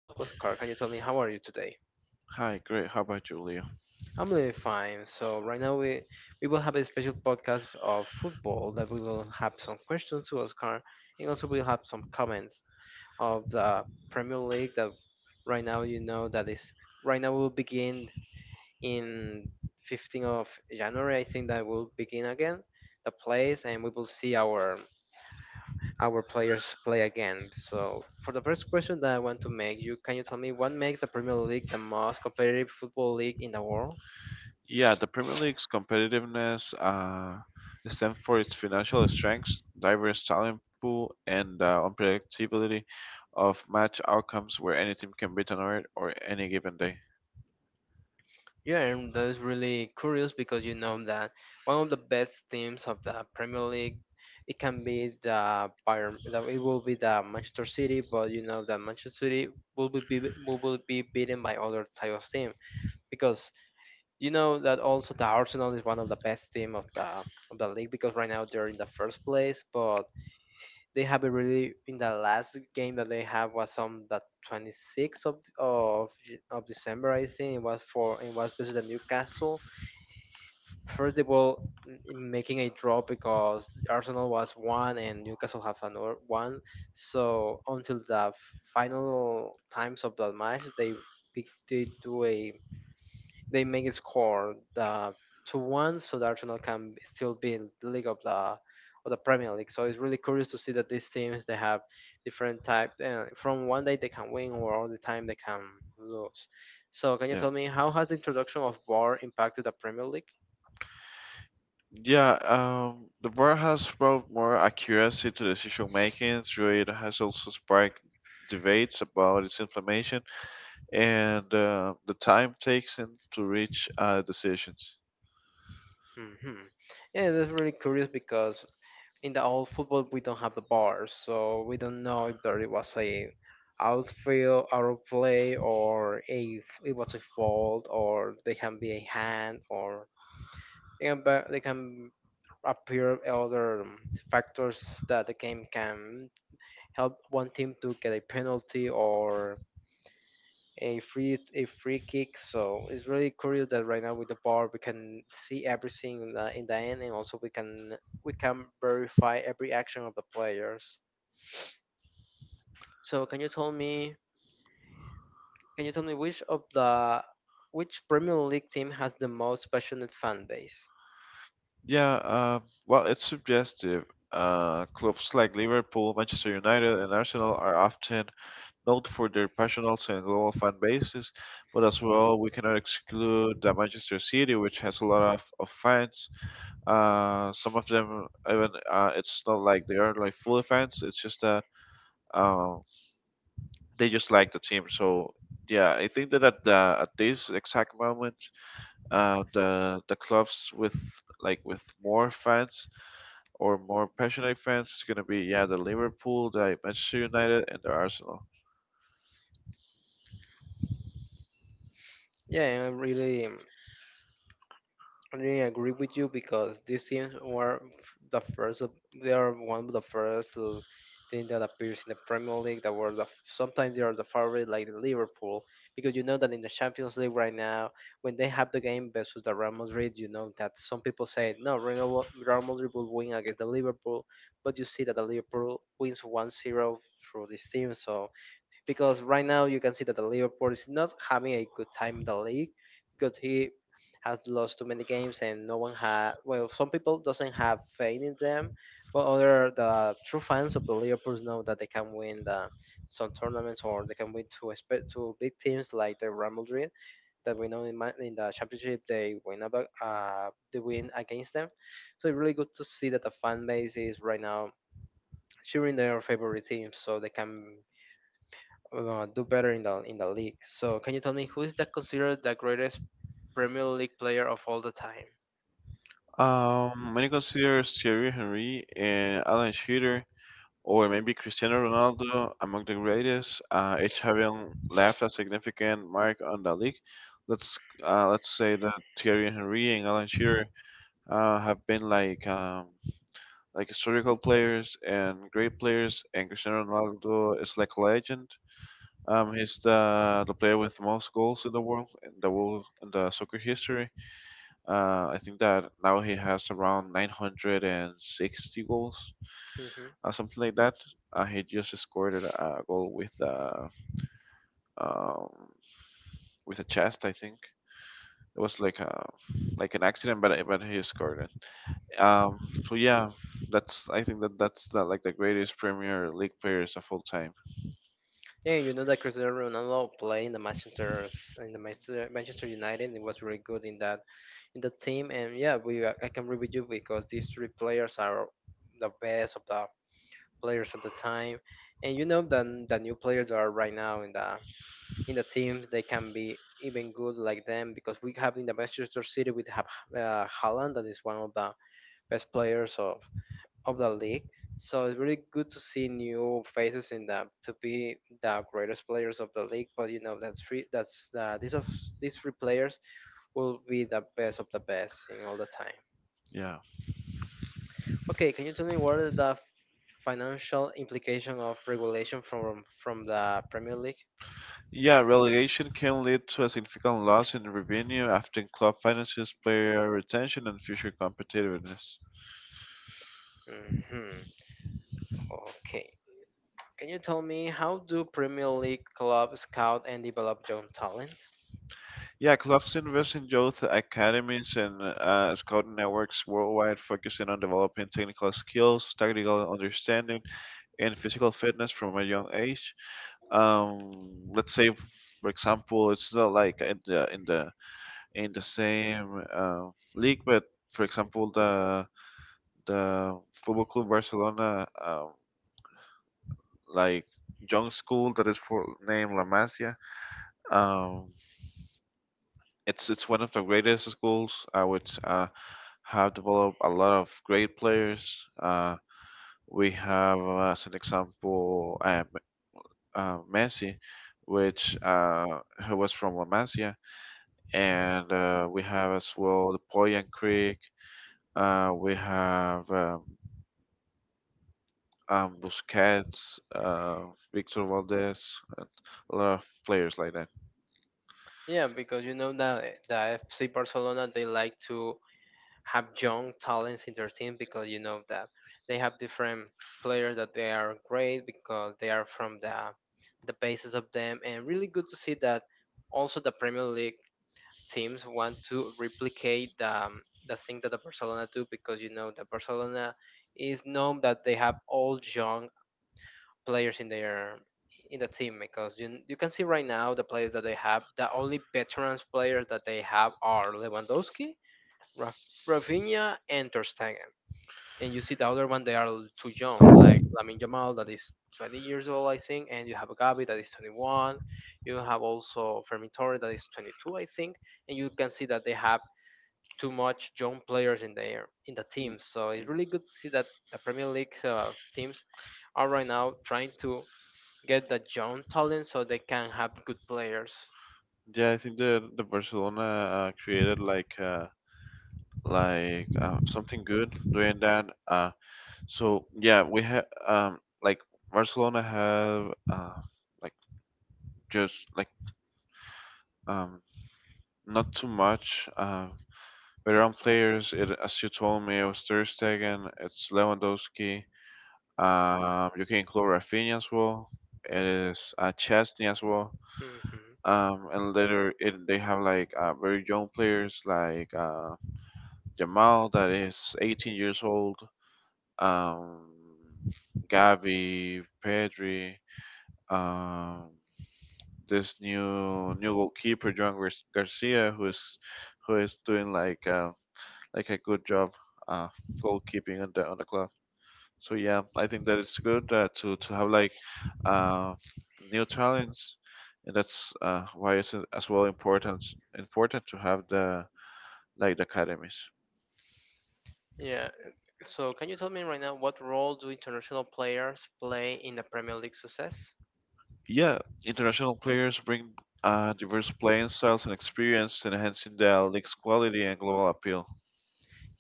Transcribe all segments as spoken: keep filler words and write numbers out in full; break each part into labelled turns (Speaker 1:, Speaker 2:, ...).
Speaker 1: Hello Oscar, can you tell me how are you today?
Speaker 2: Hi, great. How about you, Leo?
Speaker 1: I'm doing fine. So right now we we will have a special podcast of football that we will have some questions to Oscar and also we'll have some comments of the Premier League that right now you know that is right now will begin in fifteenth of January. I think that will begin again the plays and we will see our our players play again. So, for the first question that I want to make you, can you tell me what makes the Premier League the most competitive football league in the world?
Speaker 2: Yeah, the Premier League's competitiveness uh, stands for its financial strengths, diverse talent pool, and uh, unpredictability of match outcomes where any team can beat another or any given day.
Speaker 1: Yeah, and that is really curious because you know that one of the best teams of the Premier League, it can be the Bayern, that it will be the Manchester City, but you know that Manchester City will be, be will will be beaten by other type of team because you know that also the Arsenal is one of the best team of the of the league because right now they're in the first place, but they have a really in the last game that they have was on the twenty-sixth of of J- of December. I think it was for it was versus the Newcastle. First they were m- making a draw because Arsenal was one and Newcastle have another one, so until the final times of the match they pick- they do a they make a score the two one, so the Arsenal can b- still be in the league of the of the Premier League. So it's really curious to see that these teams they have different type, uh, from one day they can win or all the time they can lose. So can you
Speaker 2: Yeah.
Speaker 1: tell me how has the introduction of V A R impacted the Premier League?
Speaker 2: Yeah, um, the V A R has brought more accuracy to decision making through it has also sparked debates about its implementation and uh, the time taken to reach uh, decisions.
Speaker 1: Hmm. Yeah, that's really curious because in the old football we don't have the bar, so we don't know if there it was a outfield out of play, or if it was a fault, or they can be a hand, or they can, ba- they can appear other um, factors that the game can help one team to get a penalty or a free a free kick. So it's really curious that right now with the bar we can see everything in the, in the end, and also we can we can verify every action of the players. So can you tell me can you tell me which of the which Premier League team has the most passionate fan base?
Speaker 2: Yeah, uh, well, it's suggestive. Uh, clubs like Liverpool, Manchester United, and Arsenal are often known for their passionate and global fan bases, but as well, we cannot exclude that Manchester City, which has a lot of, of fans. Uh, some of them, even uh, it's not like they are like full fans. It's just that um, they just like the team. So yeah, I think that at the, at this exact moment, uh, the the clubs with like with more fans or more passionate fans is going to be yeah the Liverpool, the Manchester United, and the Arsenal.
Speaker 1: Yeah, I'm really I agree with you because these things were f- the first. of- They are one of the first uh, thing that appears in the Premier League. That were the f- sometimes they are the favorite, like the Liverpool, because you know that in the Champions League right now, when they have the game versus the Real Madrid, you know that some people say no, Real Wa- Real Madrid will win against the Liverpool, but you see that the Liverpool wins one zero through this team. So because right now you can see that the Liverpool is not having a good time in the league because he has lost too many games and no one had, well, some people doesn't have faith in them, but other the true fans of the Liverpool know that they can win the some tournaments, or they can win to expect to big teams like the Real Madrid that we know in, Ma- in the championship they win about uh they win against them. So it's really good to see that the fan base is right now cheering their favorite teams so they can uh, do better in the in the league. So can you tell me who is that considered the greatest Premier League player of all the time?
Speaker 2: Um, many consider Thierry Henry and Alan Shearer, or maybe Cristiano Ronaldo among the greatest, uh, each having left a significant mark on the league. Let's uh, let's say that Thierry Henry and Alan Shearer uh, have been like um, like historical players and great players, and Cristiano Ronaldo is like a legend. Um, he's the the player with most goals in the world in the world in the soccer history. Uh, I think that now he has around nine hundred sixty goals,
Speaker 1: Hmm.
Speaker 2: uh, something like that. Uh, he just scored a a goal with uh, um, with a chest, I think. It was like a like an accident, but but he scored it. Um, so yeah, that's I think that that's the, like the greatest Premier League players of all time.
Speaker 1: Yeah, you know that Cristiano Ronaldo played in the Manchester s- in the Manchester Manchester United. It was really good in that in the team, and yeah, we I I can agree with you because these three players are the best of the players of the time, and you know that the new players that are right now in the in the team they can be even good like them, because we have in the Manchester City we have uh, Haaland that is one of the best players of of the league. So it's really good to see new faces in the to be the greatest players of the league. But you know that's free. That's uh, these of These three players will be the best of the best in all the time.
Speaker 2: Yeah.
Speaker 1: Okay, can you tell me what are the financial implication of regulation from from the Premier League?
Speaker 2: Yeah, relegation can lead to a significant loss in revenue, affecting club finances, player retention, and future competitiveness.
Speaker 1: Hmm. Okay. Can you tell me how do Premier League clubs scout and develop young talent?
Speaker 2: Yeah, clubs invest in youth academies and uh, scouting networks worldwide, focusing on developing technical skills, tactical understanding, and physical fitness from a young age. Um, let's say, for example, it's not like in the in the in the same uh, league, but for example, the the Football Club Barcelona. Um, like young school that is for named La Masia. Um, it's it's one of the greatest schools uh, which uh, have developed a lot of great players. Uh, we have uh, as an example uh, M- uh, Messi, which uh, who was from La Masia, and uh, we have as well the Poyan Creek. Uh, we have um, um, Busquets, uh, Victor Valdez, and a lot of players like that.
Speaker 1: Yeah, because you know that, eh, the F C Barcelona they like to have young talents in their team because you know that they have different players that they are great because they are from the the basis of them, and really good to see that also the Premier League teams want to replicate the, um, the thing that the Barcelona do, because you know that Barcelona is known that they have all young players in their in the team, because you you can see right now the players that they have the only veterans players that they have are Lewandowski, Raf- Rafinha and Ter Stegen. And you see the other one, they are too young, like Lamin Jamal that is twenty years old, I think, and you have Gabi that is twenty-one. You have also Fermin Torres that is twenty-two, I think, and you can see that they have too much young players in the in the team. So it's really good to see that the Premier League uh, teams are right now trying to get the young talent so they can have good players.
Speaker 2: Yeah, I think that the Barcelona uh, created like uh, like uh, something good doing that. Uh, so yeah, we have um like Barcelona have uh like just like um not too much uh veteran players. It, as you told me, it was Ter Stegen, it's Lewandowski. Um, you can include Rafinha as well. It is uh, Chesney as well.
Speaker 1: Hmm.
Speaker 2: Um, and later it, they have like uh, very young players like. Uh, Jamal, that is eighteen years old, um, Gavi, Pedri, um, this new new goalkeeper, John Gar- Garcia, who is who is doing like uh, like a good job uh, goalkeeping on the on the club. So yeah, I think that it's good uh, to to have like uh, new talents, and that's uh, why it's as well important important to have the like the academies.
Speaker 1: Yeah. So can you tell me right now what role do international players play in the Premier League success?
Speaker 2: Yeah, international players bring uh, diverse playing styles and experience, enhancing the league's quality and global appeal.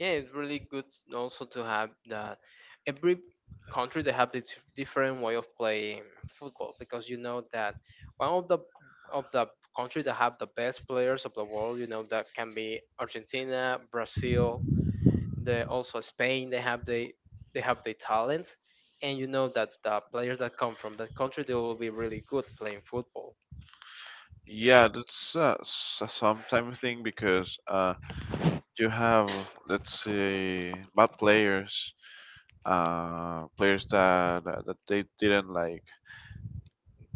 Speaker 1: Yeah, it's really good also to have that every country they have this different way of playing football, because you know that one of the of the country that have the best players of the world, you know that can be Argentina, Brazil, they also Spain, they have the they have the talents, and you know that the players that come from that country they will be really good playing football.
Speaker 2: Yeah, that's uh, s- a sometime thing because uh, you have, let's say, bad players, uh, players that, that that they didn't like.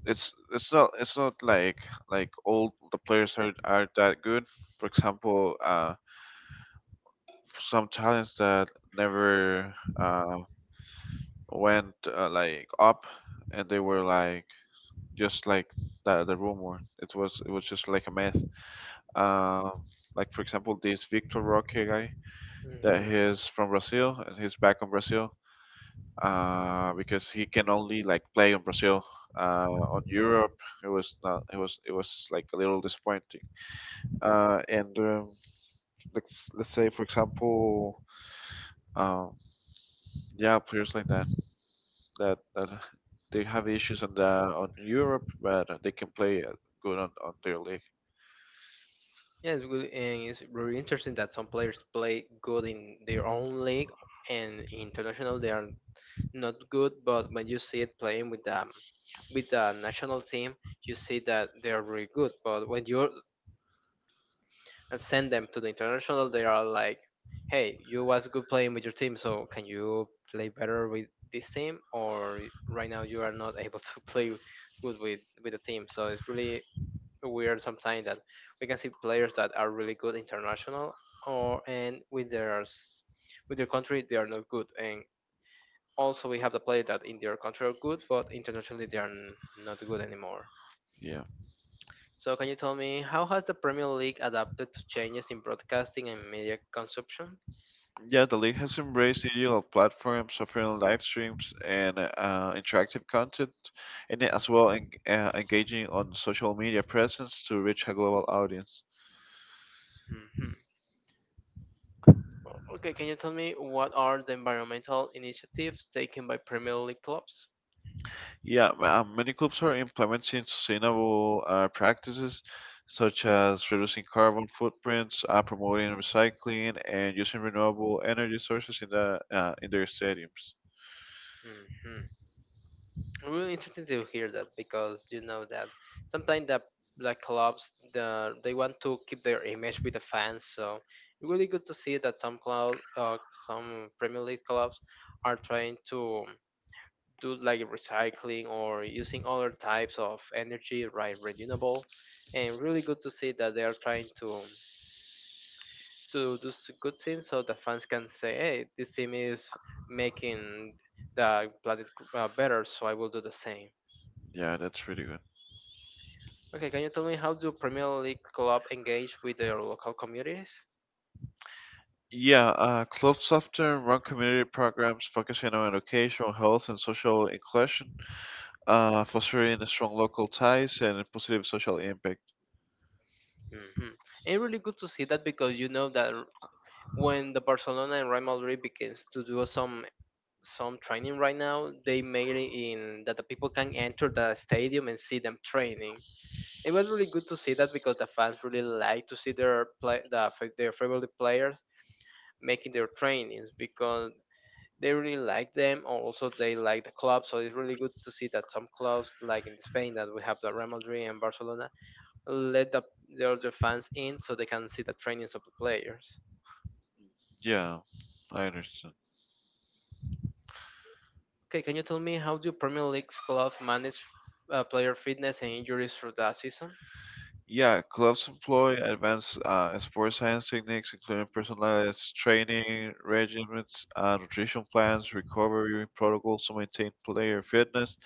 Speaker 2: It's it's not it's not like like all the players are are that good. For example, uh, some talents that never uh, went uh, like up and they were like just like the the rumor it was it was just like a myth, um like for example this Victor Roque guy that he's
Speaker 1: Mhm.
Speaker 2: from Brazil and he's back on Brazil uh because he can only like play on Brazil uh on Europe. It was not it was it was like a little disappointing uh and um, let's let's say, for example um yeah, players like that that that they have issues on the on Europe, but they can play uh, good on, on their league.
Speaker 1: Yes, good, and it's very interesting that some players play good in their own league and international they are not good, but when you see it playing with the with the national team, you see that they are really good. But when you send them to the international, they are like, "Hey, you was good playing with your team, so can you play better with this team?" Or right now you are not able to play good with with the team. So it's really weird sometimes that we can see players that are really good international or and with their s- with their country they are not good, and also we have the players that in their country are good but internationally they are n- not good anymore.
Speaker 2: Yeah,
Speaker 1: So can you tell me how has the premier league adapted to changes in broadcasting and media consumption?
Speaker 2: yeah. The league has embraced digital platforms, offering live streams and uh, interactive content, and as well en- uh, engaging on social media presence to reach a global audience.
Speaker 1: Hmm. Okay, can you tell me what are the environmental initiatives taken by premier league clubs?
Speaker 2: Yeah, uh, many clubs are implementing sustainable uh, practices such as reducing carbon footprints, uh, promoting recycling, and using renewable energy sources in the uh, in their stadiums.
Speaker 1: Mhm. Really interesting to hear that because you know that sometimes the like clubs the they want to keep their image with the fans, so really good to see that some club, uh, some premier league clubs are trying to do like recycling or using other types of energy right renewable, and really good to see that they are trying to to do s- good things so the fans can say, hey, this team is making the planet, uh, better, so I will do the same.
Speaker 2: Yeah, that's really good.
Speaker 1: Okay, can you tell me how do Premier League club engage with their local communities?
Speaker 2: Yeah, uh, clubs often run community programs focusing on education, health, and social inclusion, uh, fostering strong local ties and positive social impact.
Speaker 1: Hmm. And really good to see that because you know that r- when the Barcelona and Real Madrid begins to do some some training right now, they made it in that the people can enter the stadium and see them training. It was really good to see that because the fans really like to see their play the, fa- their favorite players making their trainings because they really like them. Also, they like the club, so it's really good to see that some clubs, like in Spain, that we have the Real Madrid and Barcelona, let the, the other fans in so they can see the trainings of the players.
Speaker 2: Yeah, I understand.
Speaker 1: Okay, can you tell me how do Premier League clubs manage uh, player fitness and injuries through the season?
Speaker 2: Yeah, clubs employ advanced uh, sports science techniques, including personalized training regimens, uh, nutrition plans, recovery protocols to maintain player fitness,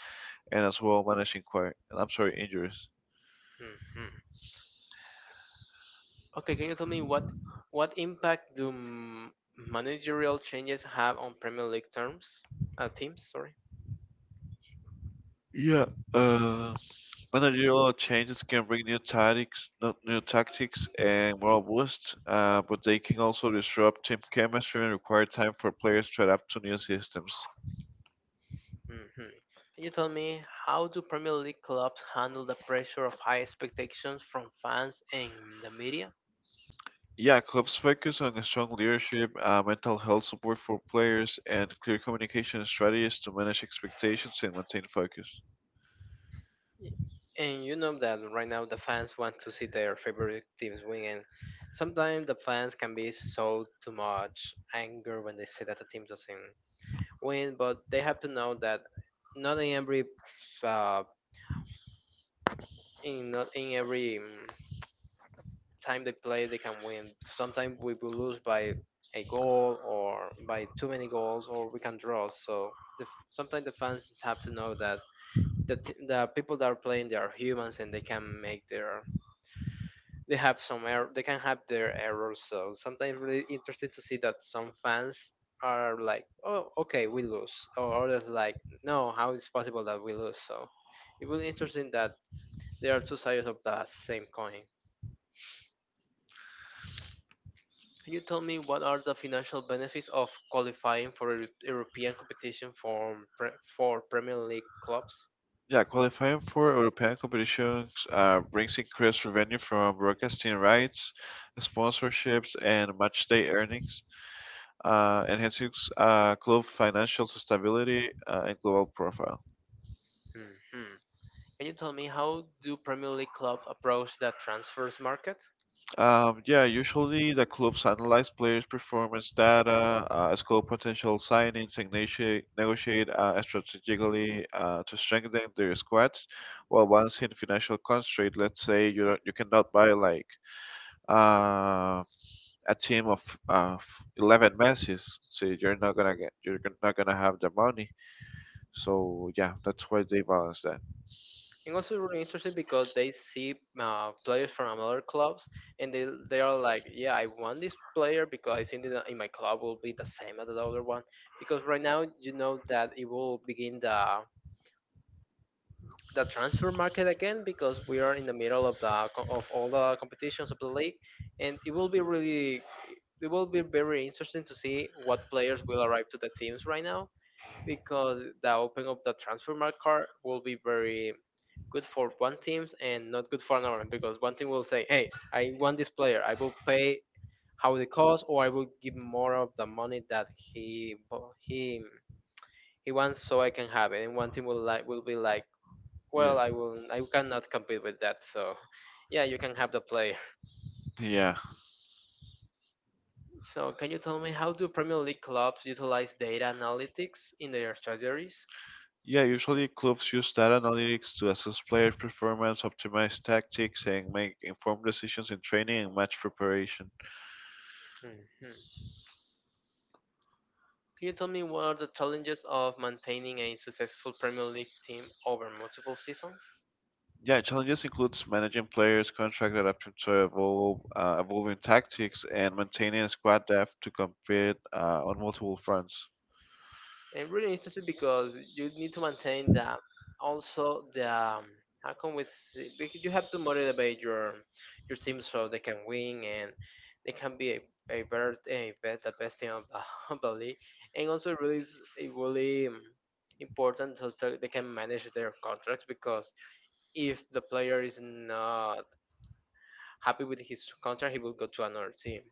Speaker 2: and as well managing quite, I'm sorry, injuries.
Speaker 1: Hmm. Okay, can you tell me what what impact do m- managerial changes have on Premier League terms, uh, teams? Sorry.
Speaker 2: Yeah. Uh, Managerial changes can bring new tactics, not new tactics and moral boosts, uh, but they can also disrupt team chemistry and require time for players to adapt to new systems.
Speaker 1: Mhm. Can you tell me how do Premier League clubs handle the pressure of high expectations from fans and the media?
Speaker 2: Yeah, clubs focus on strong leadership, uh, mental health support for players, and clear communication strategies to manage expectations and maintain focus.
Speaker 1: Y- And you know that right now the fans want to see their favorite teams win, and sometimes the fans can be so too much anger when they see that the team doesn't win. But they have to know that not in every uh, in not in every mm, time they play, they can win. Sometimes we will lose by a goal or by too many goals, or we can draw. So the, sometimes the fans have to know that the t- the people that are playing they are humans and they can make their they have some error, they can have their errors. So sometimes really interesting to see that some fans are like, oh, okay, we lose, or others like, no, how is possible that we lose? So it will be
Speaker 2: Yeah.
Speaker 1: interesting that there are two sides of the same coin. Can you tell me what are the financial benefits of qualifying for a European competition for pre- for Premier League clubs?
Speaker 2: Yeah, qualifying for European competitions uh, brings increased revenue from broadcasting rights, sponsorships, and match day earnings, uh, enhancing s- uh, club financial stability uh, and global profile.
Speaker 1: Mhm. Can you tell me how do Premier League clubs approach the transfers market?
Speaker 2: Um, yeah, usually the clubs analyze players' performance data, uh, scope potential signings, and negotiate, negotiate uh, strategically uh, to strengthen their squads. While once in financial constraint, let's say you don't, you cannot buy like uh, a team of uh, eleven Messi's, so you're not gonna get you're not gonna have the money. So yeah, that's why they balance that.
Speaker 1: And also really interesting because they see uh, players from other clubs, and they they are like, yeah, I want this player because I think that in my club will be the same as the other one. Because right now you know that it will begin the the transfer market again because we are in the middle of the co- of all the competitions of the league, and it will be really it will be very interesting to see what players will arrive to the teams right now because the opening of the transfer market will be very good for one teams and not good for another, because one team will say, hey, I want this player, I will pay how the cost, or I will give more of the money that he bo- he he wants so I can have it. And one team will like will be like, well,
Speaker 2: Yeah.
Speaker 1: I will. I cannot compete with that. So, yeah, you can have the play.
Speaker 2: Yeah.
Speaker 1: So, can you tell me how do Premier League clubs utilize data analytics in their strategies?
Speaker 2: Yeah, usually clubs use data analytics to assess player performance, optimize tactics, and make informed decisions in training and match preparation.
Speaker 1: Mhm. Can you tell me what are the challenges of maintaining a successful Premier League team over multiple seasons?
Speaker 2: Yeah, challenges includes managing players, contract adapting to evolve, uh, evolving tactics, and maintaining a squad depth to compete uh, on multiple fronts.
Speaker 1: And really interesting because you need to maintain that, also the um, how can we say, because you have to motivate your your team so they can win and they can be a, a better a bet the best team of the, of the league, and also really is a really um, important, so so they can manage their contracts, because if the player is not happy with his contract he will go to another team.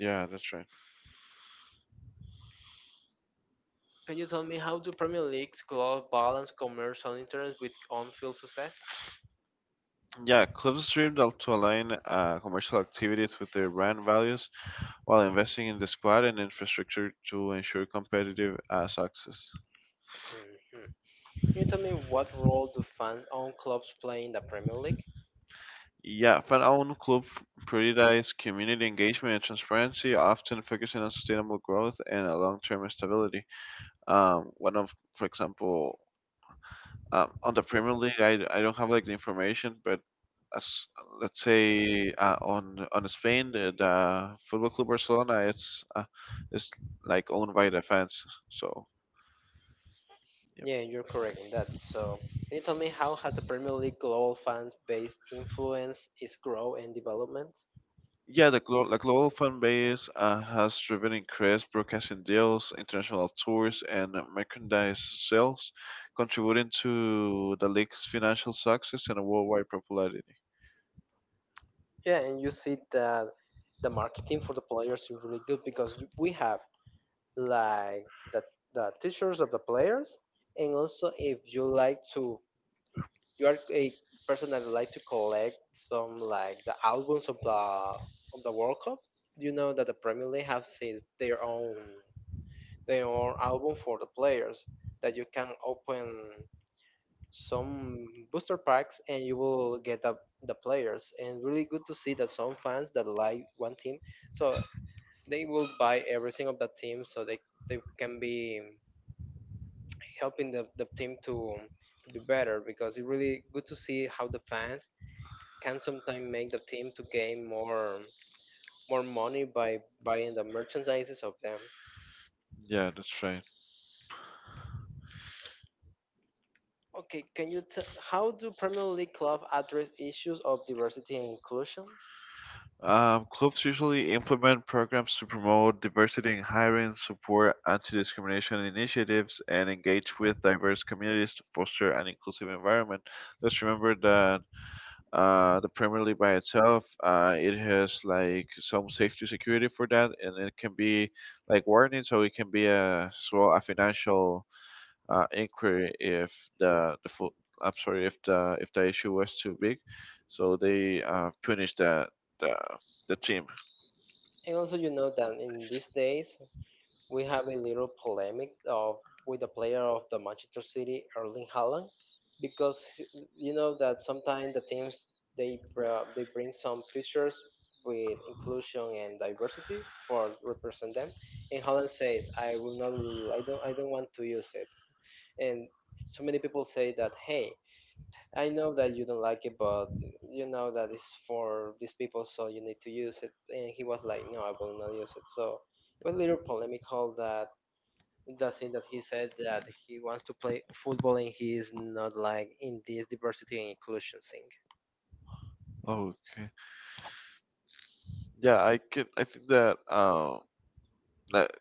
Speaker 2: Yeah, that's right.
Speaker 1: Can you tell me how do Premier Leagues club balance commercial interests with on-field success?
Speaker 2: Yeah, clubs dreamed to to align uh, commercial activities with their brand values while investing in the squad and infrastructure to ensure competitive uh, success.
Speaker 1: Hmm. Can you tell me what role do fans own clubs play in the Premier League?
Speaker 2: Yeah, Fan-owned club prioritize community engagement and transparency, often focusing on sustainable growth and a long-term stability. Um, one of, for example, um, on the Premier League, I, I don't have like the information, but as let's say uh, on on Spain, the, the Football Club Barcelona, it's uh, it's like owned by the fans. So yeah.
Speaker 1: Yeah, you're correct in that. So, can you tell me how has the Premier League global fans base influence its growth and development?
Speaker 2: Yeah, the, glo- the global fan base uh, has driven increased broadcasting deals, international tours, and merchandise sales, contributing to the league's financial success and worldwide popularity.
Speaker 1: Yeah, and you see that the marketing for the players is really good because you- we have like the the t-shirts of the players, and also if you like to, you are a person that like to collect some like the albums of the of the World Cup, you know that the Premier League have his, their own their own album for the players that you can open some booster packs and you will get the, the players, and really good to see that some fans that like one team, so they will buy everything of that team so they, they can be helping the, the team to to be better, because it's really good to see how the fans can sometimes make the team to gain more more money by buying the merchandises of them.
Speaker 2: Yeah, that's right.
Speaker 1: Okay, can you t- how do Premier League club address issues of diversity and inclusion?
Speaker 2: Um, clubs usually implement programs to promote diversity in hiring, support anti-discrimination initiatives, and engage with diverse communities to foster an inclusive environment. Let's remember that uh, the Premier League by itself. Uh, it has like some safety security for that, and it can be like warning, so it can be a as well a financial uh, inquiry if the the full, I'm sorry, if the if the issue was too big, so they uh, punish the the the team.
Speaker 1: And also, you know that in these days, we have a little polemic of with the player of the Manchester City, Erling Haaland, because he- you know that sometimes the teams they br- they bring some features with inclusion and diversity for represent them, and Haaland says, "I will not, I don't, I don't want to use it," and so many people say that, "Hey, I know that you don't like it, but you know that it's for these people, so you need to use it," and he was like, "No, I will not use it," so. But little polemical that the thing that he said that he wants to play football and he is not like in this diversity and inclusion thing.
Speaker 2: Okay. Yeah, I can. I think that um that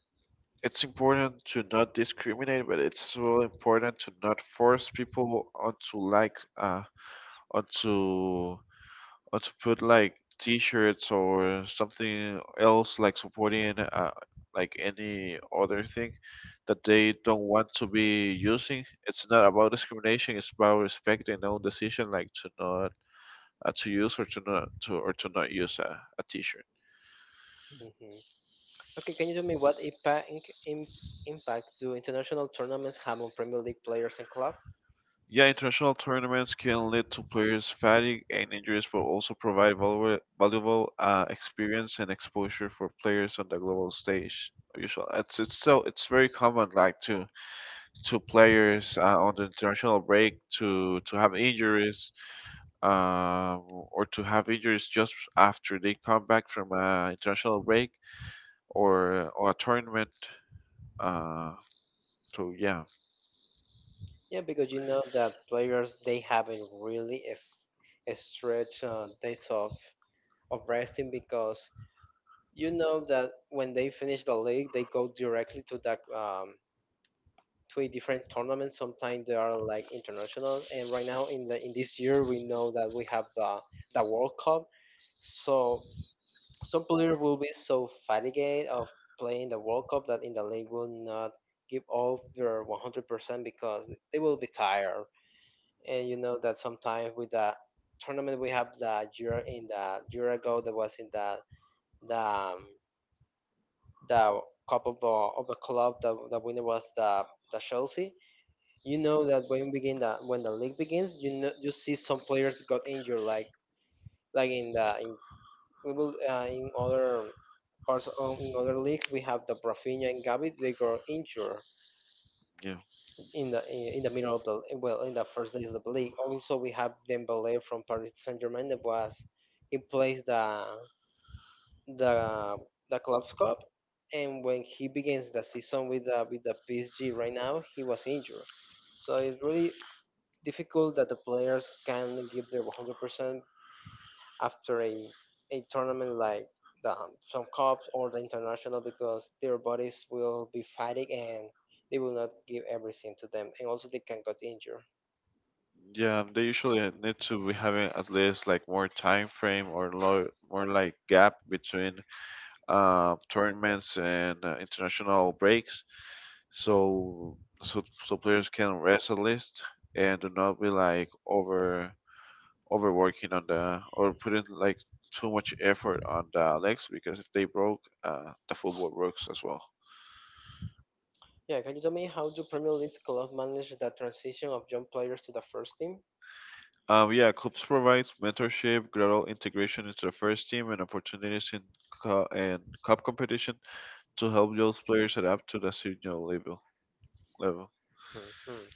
Speaker 2: it's important to not discriminate, but it's so important to not force people onto like uh onto or to put like t-shirts or something else like supporting uh, like any other thing that they don't want to be using. It's not about discrimination, it's about respect and own decision, like to not uh, to use or to not to or to not use a, a t-shirt.
Speaker 1: Hmm. Okay, can you tell me what impact im, impact do international tournaments have on Premier League players and club?
Speaker 2: Yeah, international tournaments can lead to players fatigue and injuries but also provide valuable, valuable uh, experience and exposure for players on the global stage. Usual, it's it's so it's very common like to two players uh, on the international break to to have injuries, um, or to have injuries just after they come back from an international break or or a tournament. Uh, so yeah,
Speaker 1: Yeah, because you know that players they haven't really s- a stretch uh, days of of resting, because you know that when they finish the league they go directly to that um, three different tournaments. Sometimes they are like international, and right now in the in this year we know that we have the the World Cup. So some players will be so fatigued of playing the World Cup that in the league will not give all their one hundred percent because they will be tired. And you know that sometimes with the tournament we have the year in the year ago, that was in the the um, the cup of the of the club, the, the winner was the the Chelsea. You know that when begin the when the league begins, you know you see some players got injured, like like in the in we will uh, in other parts of, in other leagues we have the Rafinha and Gavi they got injured
Speaker 2: yeah,
Speaker 1: in the in, in the middle of the, well, in the first days of the league. Also we have Dembele from Paris Saint Germain that was he plays the the the club's cup. And when he begins the season with the with the P S G right now, he was injured. So it's really difficult that the players can give their one hundred percent after a, a tournament like the, um, some cups or the international, because their bodies will be fighting and they will not give everything to them, and also they can get injured.
Speaker 2: yeah. They usually need to be having at least like more time frame or low, more like gap between uh, tournaments and uh, international breaks, so so so players can rest at least and do not be like over overworking on the or putting like too much effort on the legs, because if they broke, uh, the football works as well.
Speaker 1: Yeah, can you tell me how do Premier League club manage the transition of young players to the first team?
Speaker 2: Um, yeah, clubs provides mentorship, gradual integration into the first team, and opportunities in cu- and cup competition to help those players adapt to the senior level. Level.
Speaker 1: Hmm.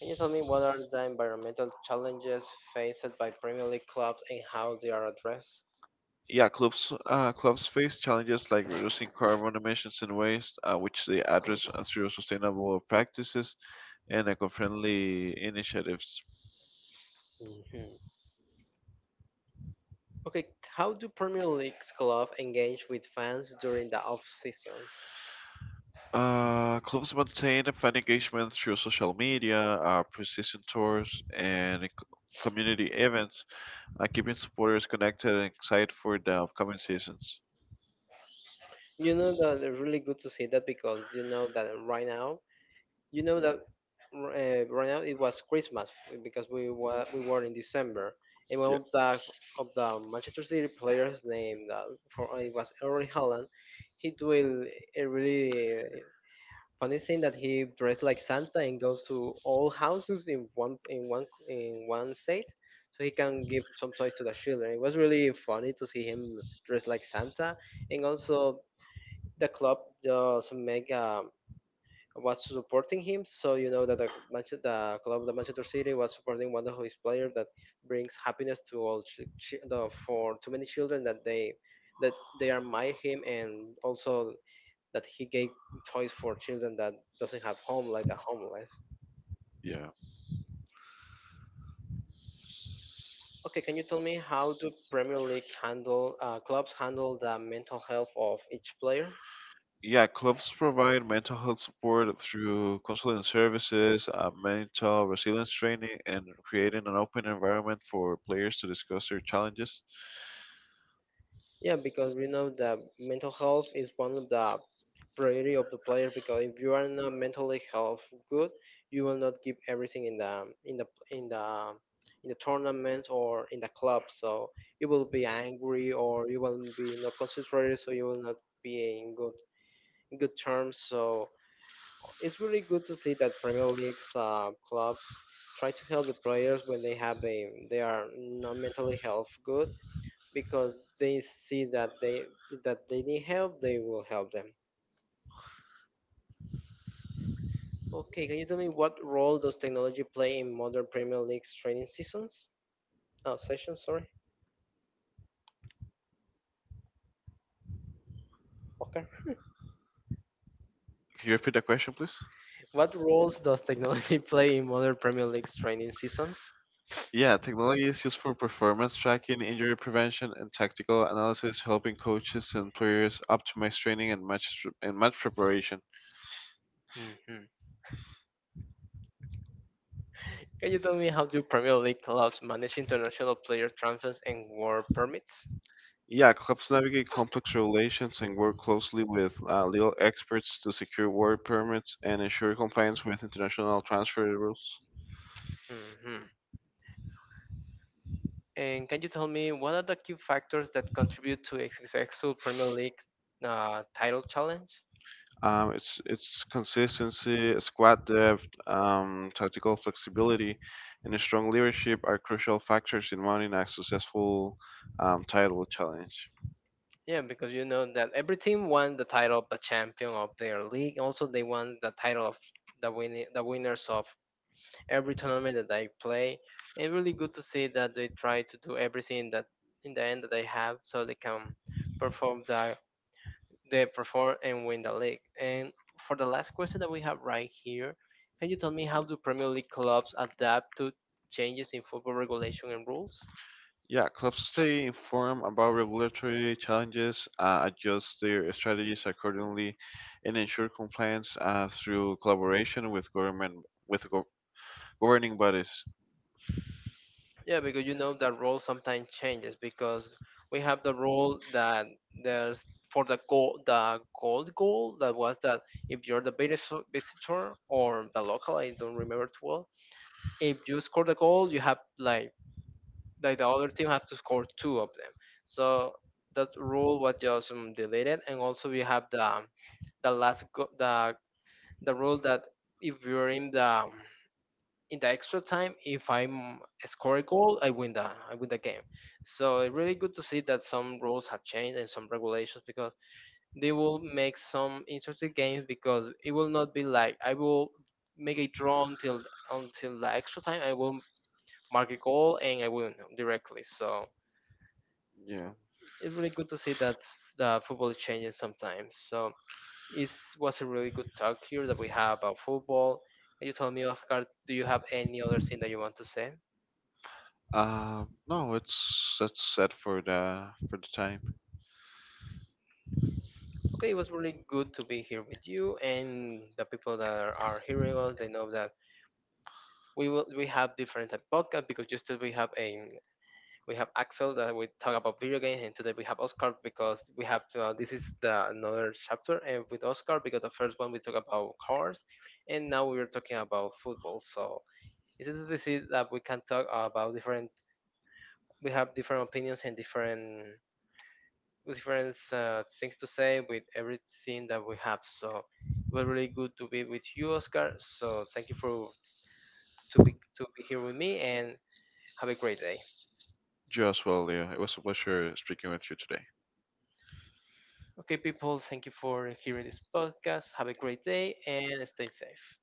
Speaker 1: Can you tell me what are the environmental challenges faced by Premier League clubs and how they are addressed?
Speaker 2: Yeah, clubs uh, clubs face challenges like reducing carbon emissions and waste, uh, which they address through sustainable practices and eco-friendly initiatives.
Speaker 1: Mhm. Okay, how do Premier League clubs engage with fans during the off season?
Speaker 2: Uh, clubs maintain a fan engagement through social media, uh, precision tours, and c- community events, uh, keeping supporters connected and excited for the upcoming seasons.
Speaker 1: You know that it's really good to see that, because you know that right now, you know that uh, right now it was Christmas because we were we were in December, and one
Speaker 2: Yeah.
Speaker 1: of the of the Manchester City players, named uh, for it was Erling Haaland. He do a, a really funny thing that he dressed like Santa and goes to all houses in one in one in one state, so he can give some toys to the children. It was really funny to see him dressed like Santa, and also the club just make um, was supporting him. So you know that the Manche- the club, the Manchester City, was supporting one of his players that brings happiness to all ch- ch- the, for too many children that they that they admire him, and also that he gave toys for children that doesn't have home, like the homeless.
Speaker 2: Yeah.
Speaker 1: Okay, can you tell me how do Premier League handle uh, clubs handle the mental health of each player?
Speaker 2: Yeah, clubs provide mental health support through counseling services, uh, mental resilience training, and creating an open environment for players to discuss their challenges.
Speaker 1: Yeah, because we know that mental health is one of the priority of the player, because if you are not mentally health good, you will not give everything in the in the in the in the tournaments or in the club. So you will be angry or you will be not concentrated. So you will not be in good in good terms. So it's really good to see that Premier League's uh, clubs try to help the players when they have a they are not mentally health good, because they see that they that they need help, they will help them. Okay, can you tell me what role does technology play in modern Premier League's training seasons? Oh, sessions, sorry. Okay.
Speaker 2: Can you repeat that question, please?
Speaker 1: What roles does technology play in modern Premier League's training seasons?
Speaker 2: Yeah, technology is used for performance tracking, injury prevention, and tactical analysis, helping coaches and players optimize training and match and match preparation.
Speaker 1: Hmm. Can you tell me how do Premier League clubs manage international player transfers and work permits?
Speaker 2: Yeah, clubs navigate complex regulations and work closely with uh, legal experts to secure work permits and ensure compliance with international transfer rules.
Speaker 1: Mhm. And can you tell me what are the key factors that contribute to a successful Premier League uh, title challenge?
Speaker 2: Um, it's it's consistency, squad depth, um, tactical flexibility, and a strong leadership are crucial factors in mounting a successful um, title challenge.
Speaker 1: Yeah, because you know that every team won the title of the champion of their league. Also, they won the title of the win the winners of every tournament that they play. And really good to see that they try to do everything that in the end that they have so they can perform the they perform and win the league. And for the last question that we have right here, can you tell me how do Premier League clubs adapt to changes in football regulation and rules?
Speaker 2: Yeah, clubs stay informed about regulatory challenges, uh, adjust their strategies accordingly, and ensure compliance uh, through collaboration with government with gov governing bodies.
Speaker 1: Yeah, because you know that rule sometimes changes, because we have the rule that there's for the goal, the gold goal, that was that if you're the biggest visitor or the local, I don't remember too well. If you score the goal, you have like like the other team have to score two of them. So that rule was just um, deleted, and also we have the um, the last go- the the rule that if you're in the um, in the extra time, if I'm score a goal, I win the I win the game. So it's really good to see that some rules have changed and some regulations, because they will make some interesting games, because it will not be like I will make a draw until until the extra time. I will mark a goal and I win directly. So
Speaker 2: Yeah.
Speaker 1: it's really good to see that s- the football is changing sometimes. So it was a really good talk here that we have about football. And you told me, Oscar, do you have any other thing that you want to say?
Speaker 2: Uh, no, it's that's set for the for the time.
Speaker 1: Okay, it was really good to be here with you and the people that are, are hearing us. They know that we will we have different type of podcast, because just as we have a we have Axel that we talk about video games, and today we have Oscar because we have uh, this is the another chapter and with Oscar, because the first one we talk about cars and now we're talking about football. So it's a disease that we can talk about different. We have different opinions and different different uh, things to say with everything that we have. So it was really good to be with you, Oscar. So thank you for to be to be here with me and have a great day.
Speaker 2: You as well, Leo. It was a pleasure speaking with you today.
Speaker 1: Okay, people, thank you for hearing this podcast. Have a great day and stay safe.